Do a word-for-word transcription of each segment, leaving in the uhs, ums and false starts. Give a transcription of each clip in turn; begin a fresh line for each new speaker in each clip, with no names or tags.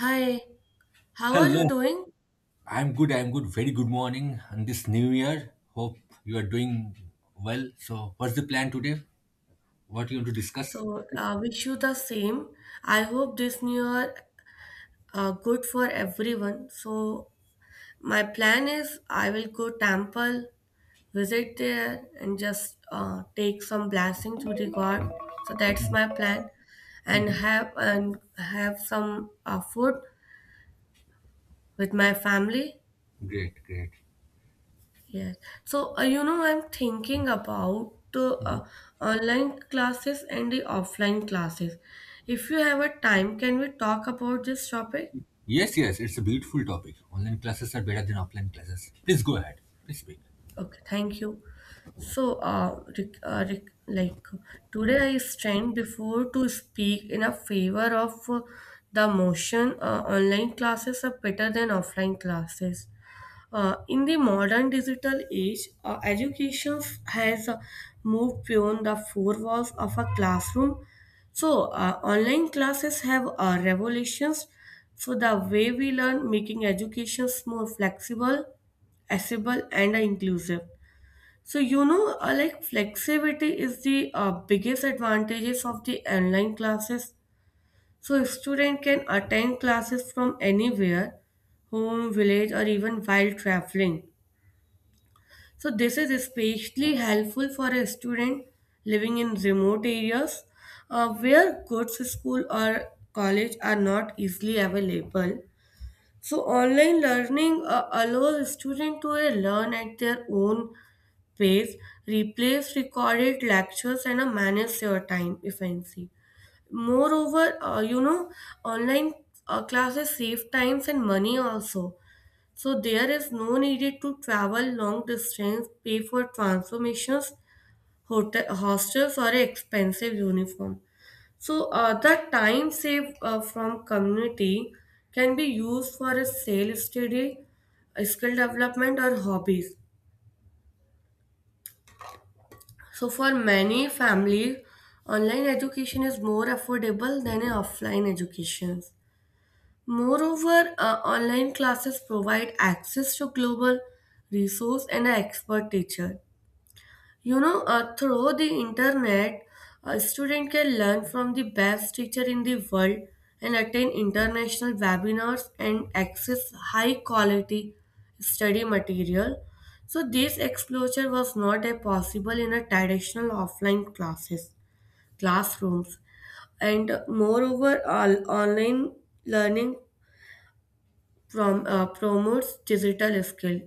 Hi, how are you
Hello.
doing?
I'm good. I'm good. Very good morning on this new year. Hope you are doing well. So, what's the plan today? What you want to discuss?
So, uh,
Mhm.
wish you the same. I hope this new year uh, good for everyone. So, my plan is I will go temple, visit there, and just uh, take some blessing to the God. So that's my plan, and
Mhm.
have and have some uh, food with my family.
Great, great.
Yes. So, uh, you know, I'm thinking about the uh, online classes and the offline classes. If you have a time, can we talk about this topic?
Yes, yes, it's a beautiful topic. Online classes are better than offline classes. Please go ahead. Please speak.
Okay, thank you. So, uh, rec- uh, rec- like today I stand before to speak in a favor of uh, the motion, uh, online classes are better than offline classes. Uh, in the modern digital age, uh, education has uh, moved beyond the four walls of a classroom. So, uh, online classes have uh, revolutions. So, the way we learn, making education more flexible, accessible, and uh, inclusive. So, you know, uh, like flexibility is the uh, biggest advantages of the online classes. So, a student can attend classes from anywhere, home, village, or even while traveling. So this is especially helpful for a student living in remote areas uh, where good school or college are not easily available. So online learning uh, allows students to uh, learn at their own pace, replace recorded lectures, and uh, manage their time efficiently. Moreover, uh, you know, online uh, classes save times and money also, so there is no need to travel long distance, pay for transformations, hotel, hostels, or expensive uniform. So uh, the time saved uh, from community can be used for a sale study, skill development, or hobbies. So for many families, online education is more affordable than an offline education. Moreover, uh, online classes provide access to global resource and an expert teacher. You know, uh, through the internet, a student can learn from the best teacher in the world and attend international webinars and access high quality study material. So this exposure was not a possible in a traditional offline classes classrooms. And moreover, all online learning prom- uh, promotes digital skill.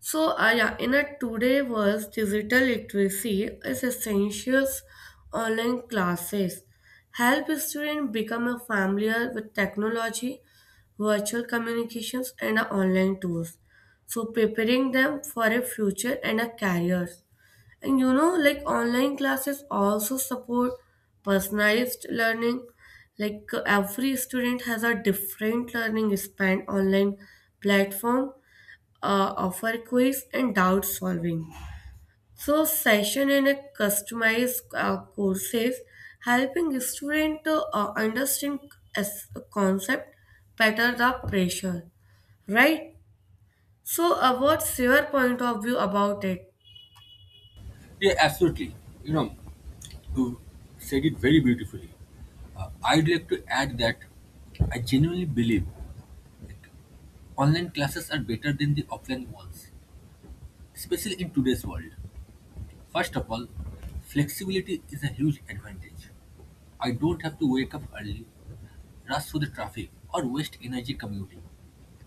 So, uh, yeah, in a today was digital literacy is essential. Online classes help students become familiar with technology, virtual communications, and uh, online tools. So, preparing them for a future and a career. And you know, like online classes also support personalized learning. Like uh, every student has a different learning span. Online platform uh, offer quiz and doubt solving. So session and a customized uh, courses helping student to uh, understand as a concept better the pressure, right? So uh, what's your point of view about it?
Yeah, absolutely. You know, you said it very beautifully. Uh, I'd like to add that I genuinely believe like, online classes are better than the offline ones, especially in today's world. First of all, flexibility is a huge advantage. I don't have to wake up early, rush through the traffic, or waste energy commuting.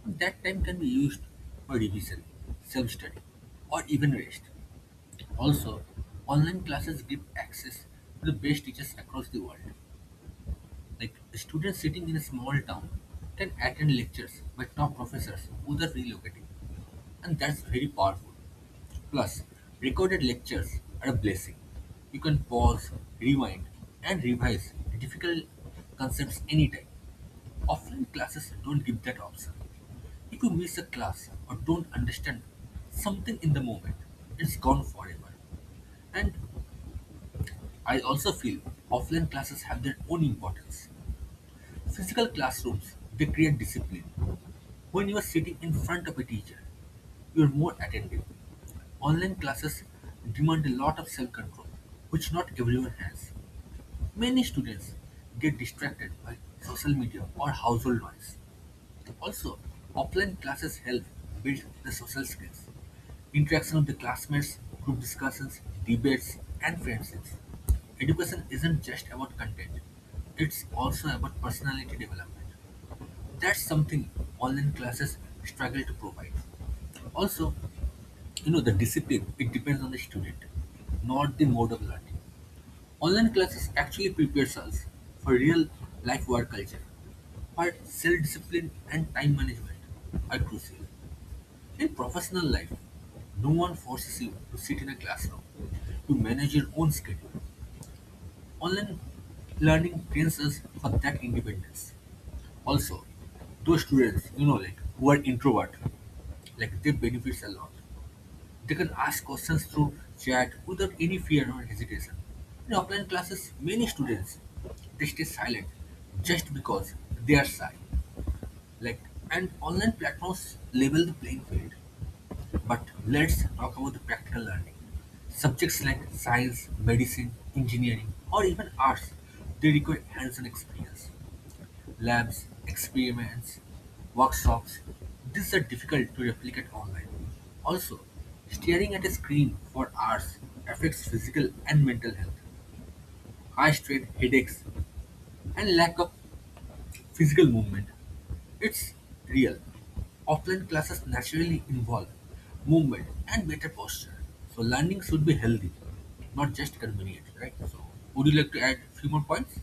That time can be used for revision, self study, or even rest. Also, online classes give access to the best teachers across the world. Like students sitting in a small town can attend lectures by top professors who are relocating, and that's very powerful. Plus, recorded lectures are a blessing. You can pause, rewind, and revise difficult concepts anytime. Offline classes don't give that option. If you miss a class or don't understand something in the moment, it's gone forever. And I also feel offline classes have their own importance. Physical classrooms, they create discipline. When you are sitting in front of a teacher, you are more attentive. Online classes demand a lot of self control, which not everyone has. Many students get distracted by social media or household noise. Also, offline classes help build the social skills, interaction with the classmates, group discussions, debates, and friendships. Education isn't just about content, it's also about personality development. That's something online classes struggle to provide. Also, you know, the discipline, it depends on the student, not the mode of learning. Online classes actually prepares us for real life work culture, where self-discipline and time management are crucial. In professional life, no one forces you to sit in a classroom to manage your own schedule. Online learning trains us for that independence. Also, those students, you know, like who are introvert, like they benefits a lot. They can ask questions through chat without any fear or hesitation. In offline classes, many students they stay silent just because they are shy. Like and online platforms level the playing field. But let's talk about the practical learning. Subjects like science, medicine, engineering, or even arts, they require hands-on experience. Labs, experiments, workshops, these are difficult to replicate online. Also, staring at a screen for hours affects physical and mental health, high strain, headaches, and lack of physical movement. It's real. Offline classes naturally involve movement and better posture. So learning should be healthy, not just convenient, right? So would you like to add few more points?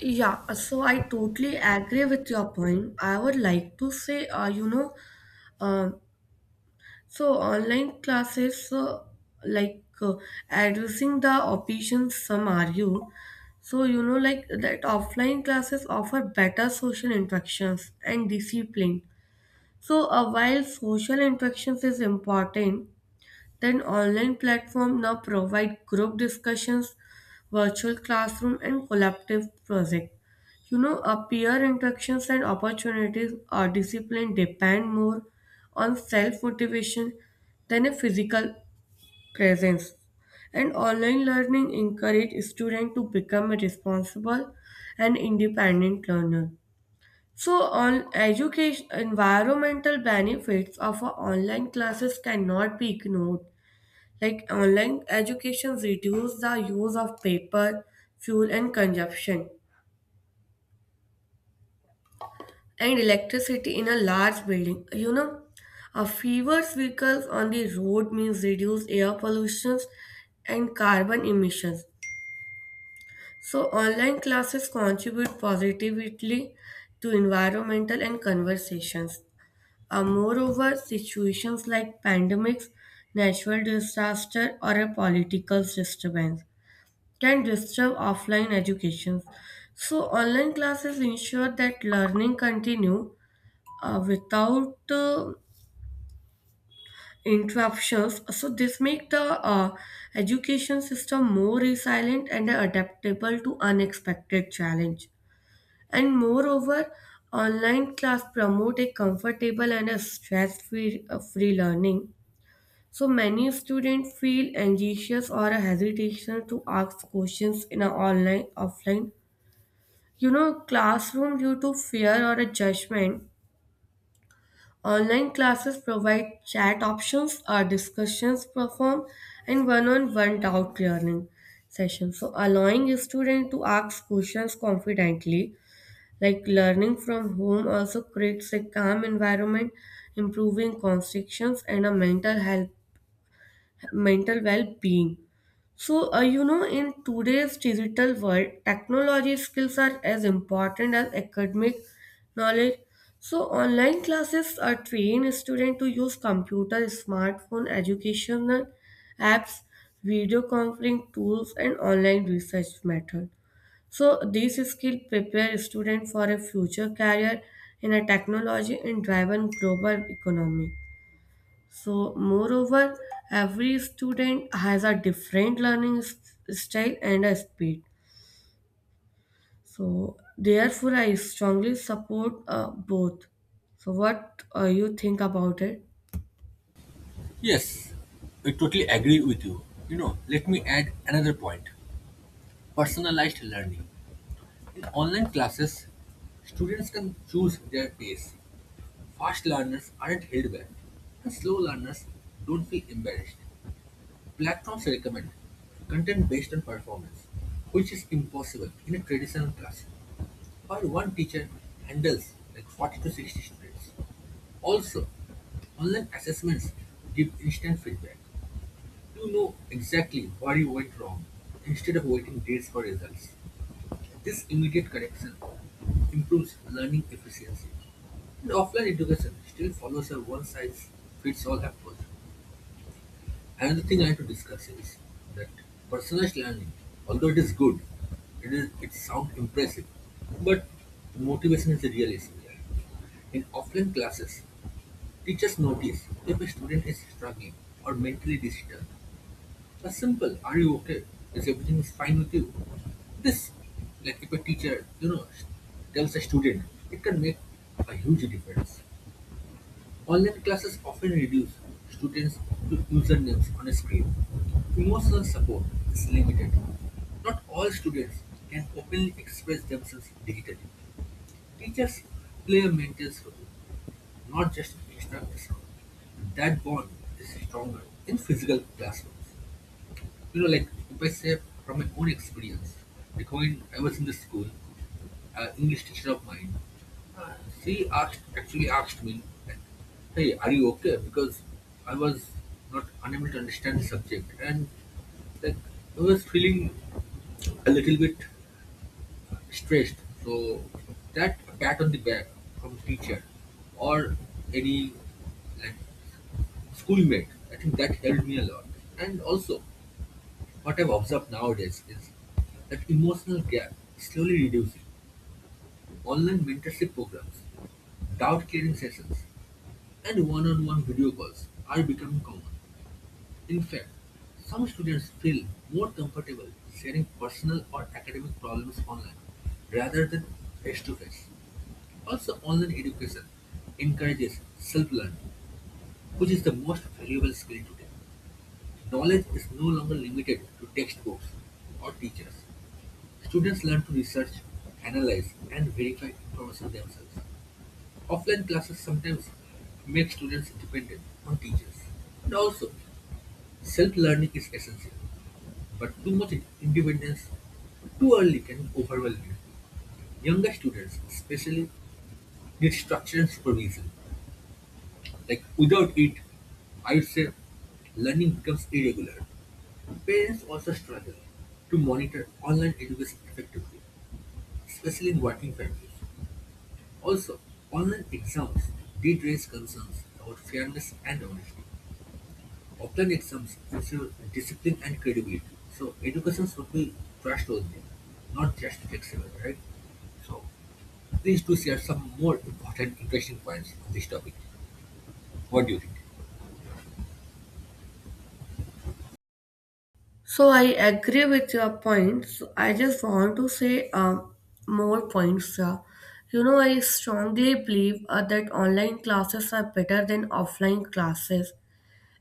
Yeah, so I totally agree with your point. I would like to say, uh, you know, um So online classes, uh, like uh, addressing the opinions, some argue. So you know, like that offline classes offer better social interactions and discipline. So uh, while social interactions is important, then online platforms now provide group discussions, virtual classroom, and collaborative projects. You know, our peer interactions and opportunities are discipline depend more on self motivation than a physical presence. And online learning encourage students to become a responsible and independent learner. So, on education, environmental benefits of a online classes cannot be ignored. Like online education reduced the use of paper, fuel and consumption, and electricity in a large building. You know, a fewer vehicles on the road means reduced air pollutions and carbon emissions. So online classes contribute positively to environmental and conversations. Uh, moreover, situations like pandemics, natural disaster, or a political disturbance can disturb offline education. So online classes ensure that learning continue uh, without uh, interruptions. So this make the uh, education system more resilient and adaptable to unexpected challenge. And moreover, online class promote a comfortable and a stress-free uh, free learning. So many students feel anxious or a hesitation to ask questions in an online offline, you know, classroom due to fear or a judgment. Online classes provide chat options, or discussions perform, and one-on-one doubt clearing sessions. So allowing a student to ask questions confidently, like learning from home also creates a calm environment, improving constrictions and a mental health mental well-being. So, uh, you know, in today's digital world, technology skills are as important as academic knowledge. So, online classes are train students to use computer, smartphone, educational apps, video conferencing tools, and online research method. So, these skills prepare students for a future career in a technology and driven global economy. So, moreover, every student has a different learning s- style and a speed. So, therefore, I strongly support uh, both. So, what uh, you think about it?
Yes, I totally agree with you. You know, let me add another point personalized learning. In online classes, students can choose their pace. Fast learners aren't held back, and slow learners don't feel embarrassed. Platforms recommend content based on performance, which is impossible in a traditional class, where one teacher handles like forty to sixty students. Also, online assessments give instant feedback. You know exactly where you went wrong instead of waiting days for results. This immediate correction improves learning efficiency. And offline education still follows a one size fits all approach. Another thing I have to discuss is that personalized learning, although it is good, it is it sounds impressive, but motivation is the real issue here. In offline classes, teachers notice if a student is struggling or mentally disturbed a simple "Are you okay? Is everything is fine with you?" This, like if a teacher, you know, tells a student, it can make a huge difference. Online classes often reduce students to usernames on a screen. Emotional support is limited. Not all students can openly express themselves digitally. Teachers play a maintenance role, not just an instructor's role. That bond is stronger in physical classrooms. You know, like if I say from my own experience, like when I was in the school, uh, English teacher of mine, uh, she asked actually asked me, like, "Hey, are you okay?" Because I was not unable to understand the subject, and like I was feeling a little bit stressed. So that pat on the back from teacher or any like schoolmate, I think that helped me a lot. And also, what I've observed nowadays is that emotional gap is slowly reducing. Online mentorship programs, doubt clearing sessions, and one on one video calls are becoming common. In fact, some students feel more comfortable sharing personal or academic problems online rather than face to face. Also, online education encourages self learning, which is the most valuable skill today. Knowledge is no longer limited to textbooks or teachers. Students learn to research, analyze, and verify information themselves. Offline classes sometimes make students dependent on teachers. And also, self-learning is essential, but too much independence too early can be overwhelming. Younger students, especially, need structure and supervision. Like without it, I would say learning becomes irregular. Parents also struggle to monitor online education effectively, especially in working families. Also, online exams did raise concerns about fairness and honesty. Offline exams ensure discipline and credibility, so education should be trustworthy, not just flexible, right? So, please do share some more important, interesting points on this topic. What do you think?
So, I agree with your points. I just want to say um, more points. Uh, you know, I strongly believe uh, that online classes are better than offline classes,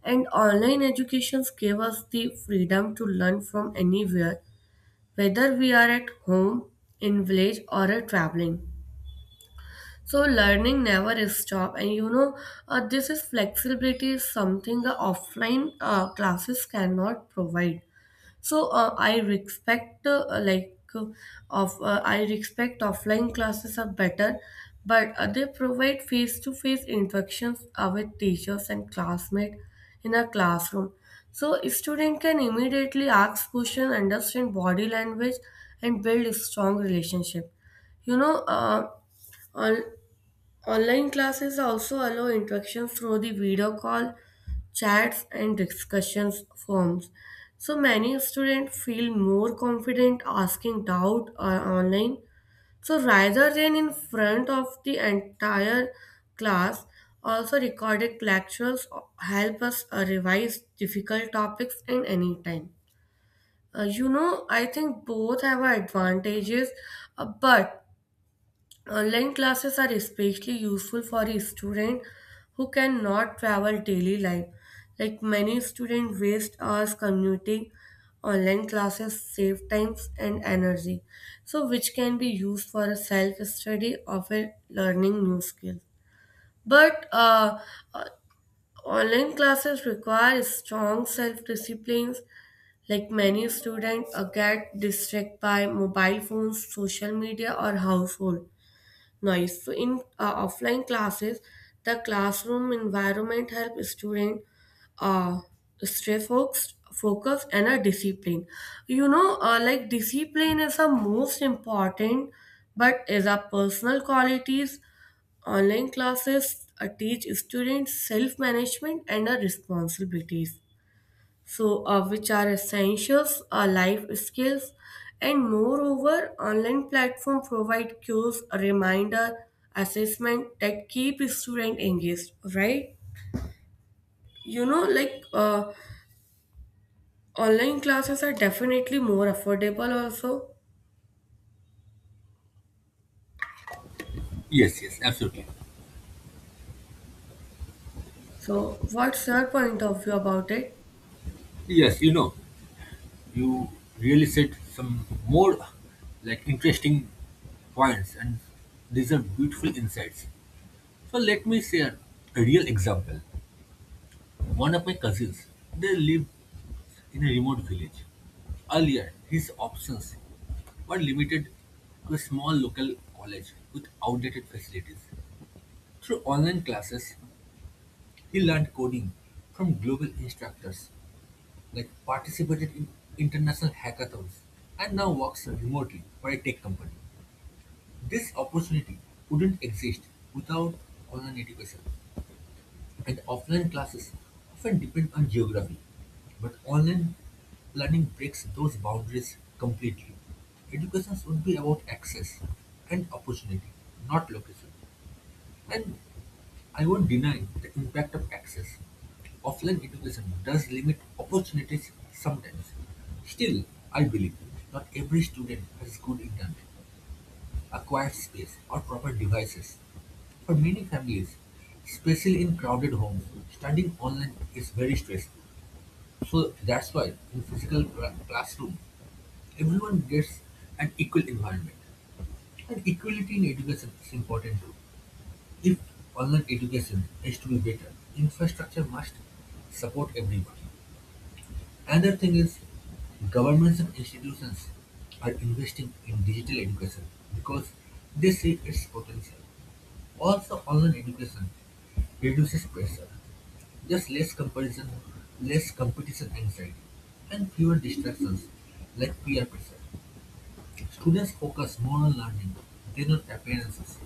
and online educations gave us the freedom to learn from anywhere, whether we are at home, in village, or are traveling. So learning never is stop, and you know uh, this is flexibility is something the offline uh, classes cannot provide. So uh, i respect uh, like uh, of uh, I respect offline classes are better, but uh, they provide face-to-face interactions uh, with teachers and classmates in a classroom. So a student can immediately ask questions, understand body language, and build a strong relationship. You know uh, on Online classes also allow interaction through the video call, chats, and discussions forums. So many students feel more confident asking doubt uh, online. So rather than in front of the entire class, also recorded lectures help us uh, revise difficult topics in any time. Uh, you know, I think both have advantages, uh, but online classes are especially useful for a student who cannot travel daily life. Like many students waste hours commuting, online classes save times and energy, so which can be used for self-study or for learning new skills. But uh, uh, online classes require strong self-disciplines. Like many students uh, get distracted by mobile phones, social media, or household noise. So in uh, offline classes, the classroom environment help student uh, stay focused, focused and are disciplined. You know, uh, like discipline is the most important, but as a personal qualities, online classes uh, teach students self management and uh, responsibilities, so uh, which are essentials uh, life skills. And moreover, online platform provide cues reminder assessment that keep student engaged, right? You know like uh, online classes are definitely more affordable also.
Yes, yes, absolutely.
So what's your point of view about it?
Yes, you know, you really said some more like interesting points, and these are beautiful insights. So, let me share a real example. One of my cousins, they live in a remote village. Earlier, his options were limited to a small local college with outdated facilities. Through online classes, he learned coding from global instructors, like participated in international hackathons, and now works remotely for a tech company. This opportunity wouldn't exist without online education. And offline classes often depend on geography, but online learning breaks those boundaries completely. Education should be about access and opportunity, not location. And I won't deny the impact of access. Offline education does limit opportunities sometimes. Still, I believe not every student has good internet acquired space, or proper devices. For many families, especially in crowded homes, studying online is very stressful. So that's why in physical cla- classroom, everyone gets an equal environment. And equality in education is important too. If online education is to be better, infrastructure must support everyone. Another thing is governments and institutions are investing in digital education because they see its potential. Also online education reduces pressure. There's less comparison, less competition anxiety, and fewer distractions like peer pressure. Students focus more on learning than on appearances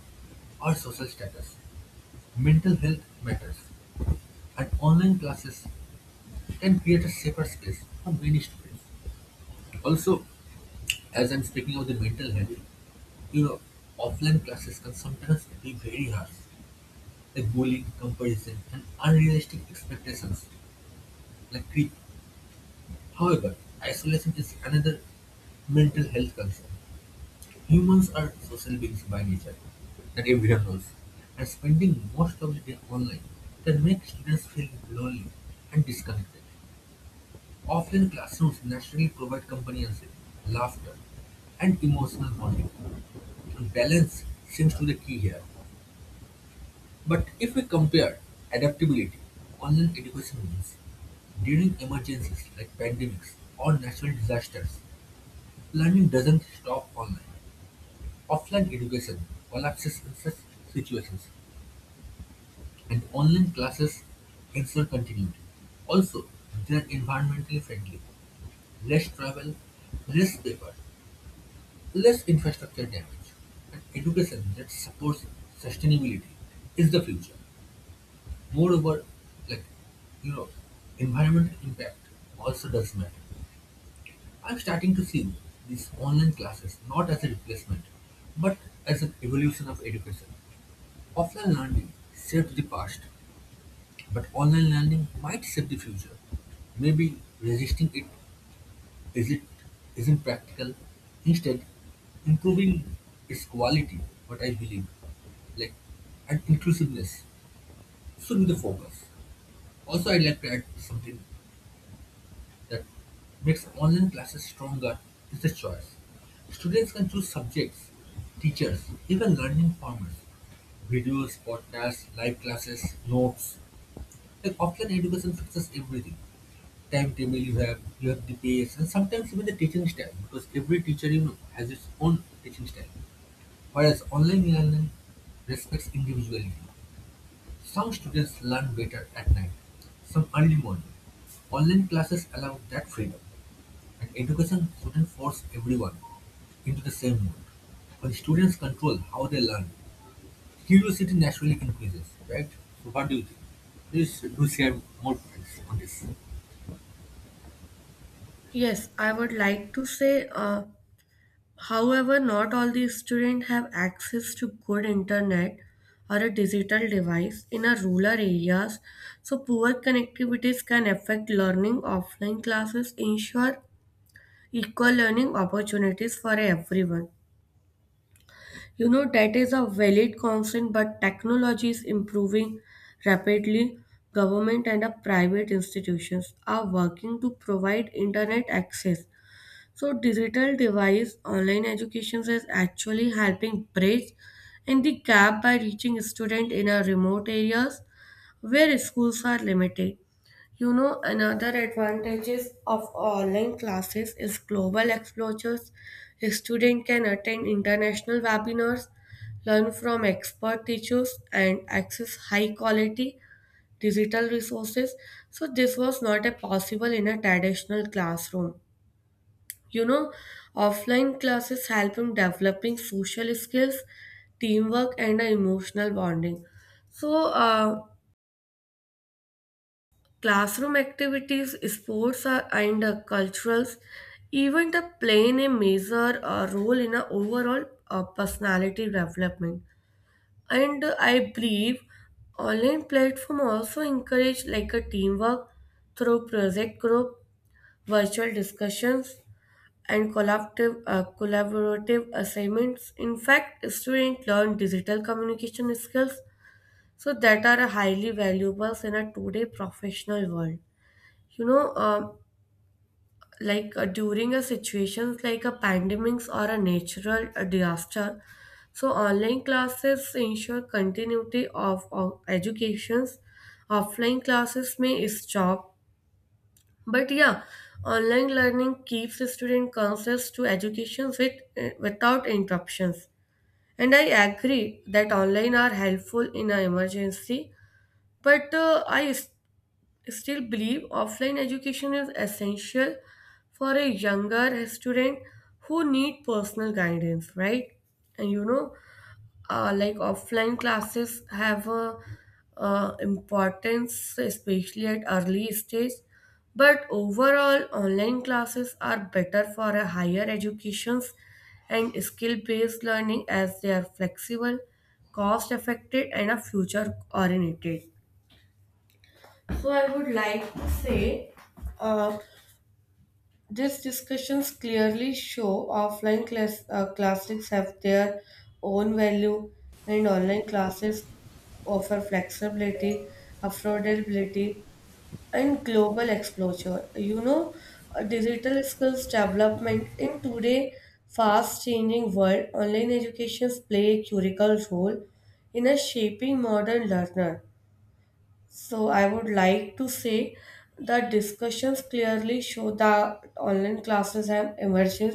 or social status. Mental health matters, and online classes can create a safer space for many students. Also, as I'm speaking of the mental health, you know, offline classes can sometimes be very harsh. A bullying comparison and unrealistic expectations like quit. However, isolation is another mental health concern. Humans are social beings by nature, that everyone knows, and spending most of the day online can make students feel lonely and disconnected. Offline classrooms naturally provide companionship, laughter, and emotional bonding. Balance seems to be the key here. But if we compare adaptability, online education means during emergencies like pandemics or natural disasters, learning doesn't stop online. Offline education collapses in such situations, and online classes ensure continuity. Also, they are environmentally friendly, less travel, less paper, less infrastructure damage, and education that supports sustainability is the future. Moreover, like you know, environmental impact also does matter. I'm starting to see these online classes not as a replacement, but as an evolution of education. Offline learning saved the past, but online learning might save the future. Maybe resisting it is it isn't practical. Instead, improving its quality, what I believe, like and inclusiveness should be the focus. Also, I'd like to add something that makes online classes stronger is a choice. Students can choose subjects, teachers, even learning formats. Videos, podcasts, live classes, notes. Like offline education fixes everything. Timetable you have, you have the pace, and sometimes even the teaching style, because every teacher you know has its own teaching style. Whereas online learning respects individuality. Some students learn better at night, some early morning. Online classes allow that freedom. And education shouldn't force everyone into the same mold. When students control how they learn, curiosity naturally increases, right? So what do you think? Please do share more points on this.
Yes, I would like to say. uh, However, not all the students have access to good internet or a digital device in our rural areas, so poor connectivities can affect learning. Offline classes ensure equal learning opportunities for everyone. You know, that is a valid concern, but technology is improving rapidly. Government and the private institutions are working to provide internet access so digital device online education is actually helping bridge in the gap by reaching students in a remote areas where schools are limited. You know, another advantages of online classes is global exposures. A student can attend international webinars, learn from expert teachers, and access high quality digital resources. So this was not a possible in a traditional classroom. You know, offline classes help in developing social skills, teamwork, and a emotional bonding. So, uh, classroom activities, sports, uh, and uh, culturals, even the playing a major uh, role in a overall uh, personality development. And uh, I believe online platform also encourage like a teamwork through project group, virtual discussions, and collaborative, uh, collaborative assignments. In fact, students learn digital communication skills so that are highly valuable in a today professional world. You know, um, like uh, during a situations like a pandemics or a natural uh, disaster, so online classes ensure continuity of, of educations. Offline classes may stop, but yeah, online learning keeps the student conscious to education with, eh, without interruptions. And I agree that online are helpful in an emergency, but uh, I s- still believe offline education is essential for a younger student who need personal guidance, right? And you know, uh, like offline classes have a uh, importance, especially at early stage, but overall online classes are better for a higher educations and skill based learning as they are flexible, cost effective, and are future oriented. So i would like to say uh, these discussions clearly show offline class, uh, classics have their own value, and online classes offer flexibility, affordability, and global exposure. You know, uh, digital skills development in today fast-changing world, online educations play a critical role in a shaping modern learner. So I would like to say that discussions clearly show that online classes have emerged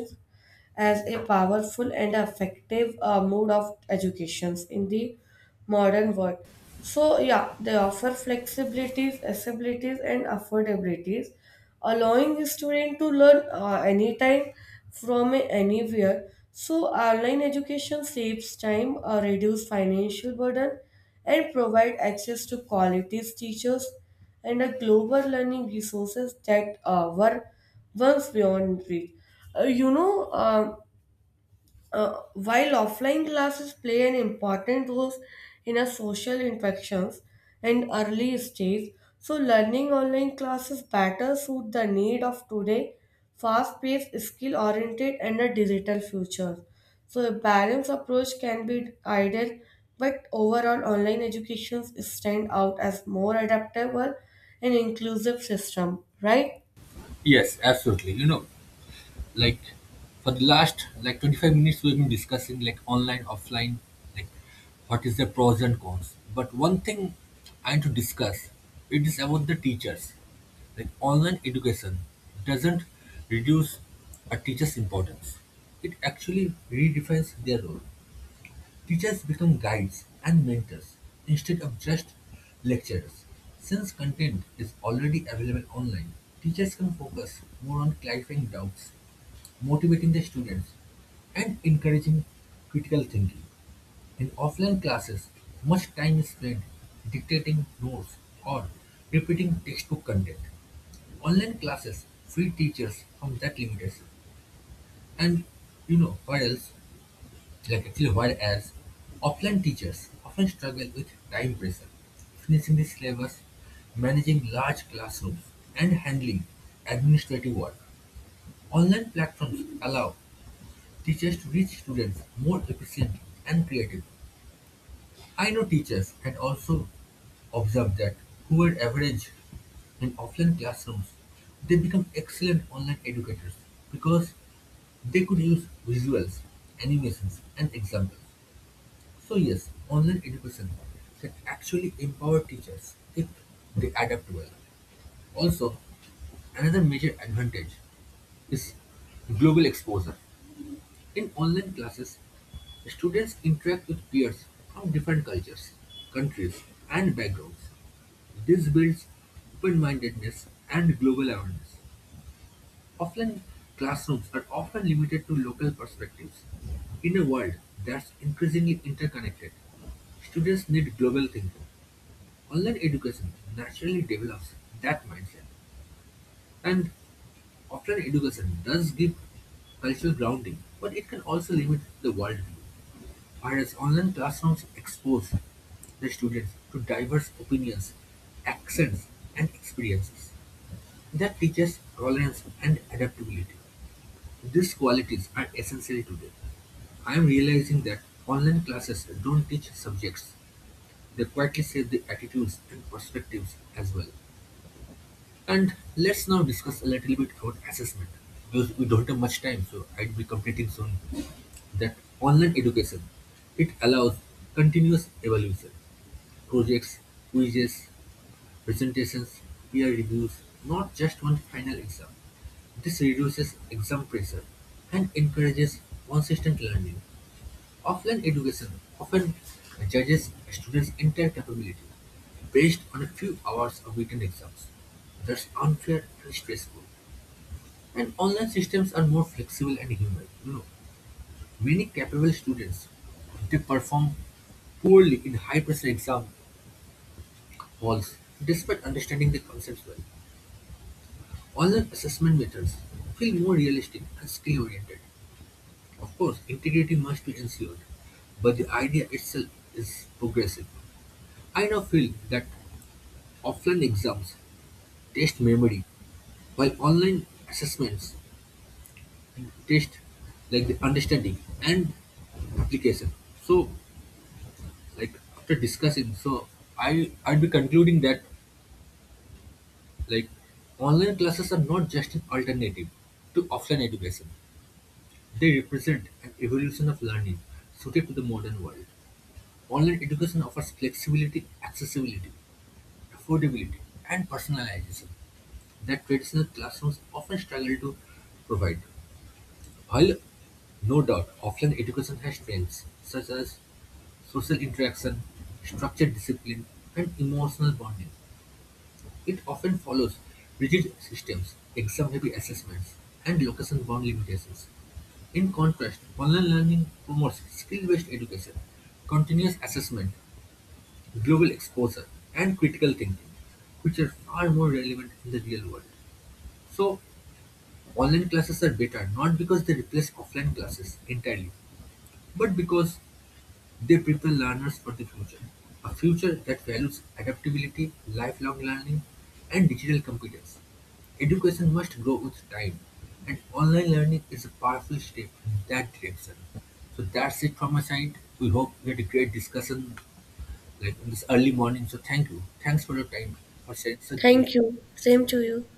as a powerful and effective uh, mode of education in the modern world. So yeah, they offer flexibilities, accessibilities, and affordabilities, allowing a student to learn uh, anytime from anywhere. So online education saves time, uh, reduce financial burden, and provide access to quality teachers and a global learning resources that uh, were once beyond reach. Uh, you know. um uh, while offline classes play an important role in our social interactions and early stage, so learning online classes better suit the need of today fast-paced, skill-oriented, and a digital future. So a balanced approach can be ideal, but overall online educations stand out as more adaptable and inclusive system, right?
Yes, absolutely. You know, like for the last like twenty-five minutes we've been discussing like online offline like what is the pros and cons but one thing I want to discuss it is about the teachers like online education doesn't reduce a teacher's importance it actually redefines their role teachers become guides and mentors instead of just lecturers since content is already available online teachers can focus more on clarifying doubts motivating the students, and encouraging critical thinking. In offline classes, much time is spent dictating notes or repeating textbook content. Online classes free teachers from that limitation. And you know, what else? Like actually, whereas offline teachers often struggle with time pressure, finishing the syllabus, managing large classrooms, and handling administrative work. Online platforms allow teachers reach students more efficiently and creatively. I know teachers had also observed that who were average in offline classrooms, they become excellent online educators because they could use visuals, animations, and examples. So yes, online education can actually empower teachers if they adapt well. Also, another major advantage is global exposure. In online classes, students interact with peers from different cultures, countries, and backgrounds. This builds open-mindedness and global awareness. Offline classrooms are often limited to local perspectives. In a world that's increasingly interconnected, students need global thinking. Online education naturally develops that mindset. And offline education does give cultural grounding, but it can also limit the worldview. Whereas online classrooms expose the students to diverse opinions, accents, and experiences, that teaches tolerance and adaptability. These qualities are essential today. I am realizing that online classes don't teach subjects, they quietly shape the attitudes and perspectives as well. And let's now discuss a little bit about assessment because we don't have much time, so I'd be completing soon. That online education it allows continuous evaluation, projects, quizzes, presentations, peer reviews, not just one final exam. This reduces exam pressure and encourages consistent learning. Offline education often judges a student's entire capability based on a few hours of written exams. That's unfair and stressful. And online systems are more flexible and human. You know, many capable students they perform poorly in high-pressure exam halls despite understanding the concepts well. Online assessment methods feel more realistic and skill-oriented. Of course, integrity must be ensured, but the idea itself is progressive. I now feel that offline exams test memory, while online assessments test like the understanding and application. So, like after discussing, so I I'd be concluding that like online classes are not just an alternative to offline education. They represent an evolution of learning suited to the modern world. Online education offers flexibility, accessibility, affordability, and personalization that traditional classrooms often struggle to provide. While no doubt offline education has strengths such as social interaction, structured discipline, and emotional bonding, it often follows rigid systems, exam-heavy assessments, and location-bound limitations. In contrast, online learning promotes skill-based education, continuous assessment, global exposure, and critical thinking, which are far more relevant in the real world. So, online classes are better not because they replace offline classes entirely, but because they prepare learners for the future. A future that values adaptability, lifelong learning, and digital competence. Education must grow with time, and online learning is a powerful step in that direction. So that's it from my side. We hope we had a great discussion like in this early morning. So thank you. Thanks for your time for sharing such
Thank
beautiful.
you. Same to you.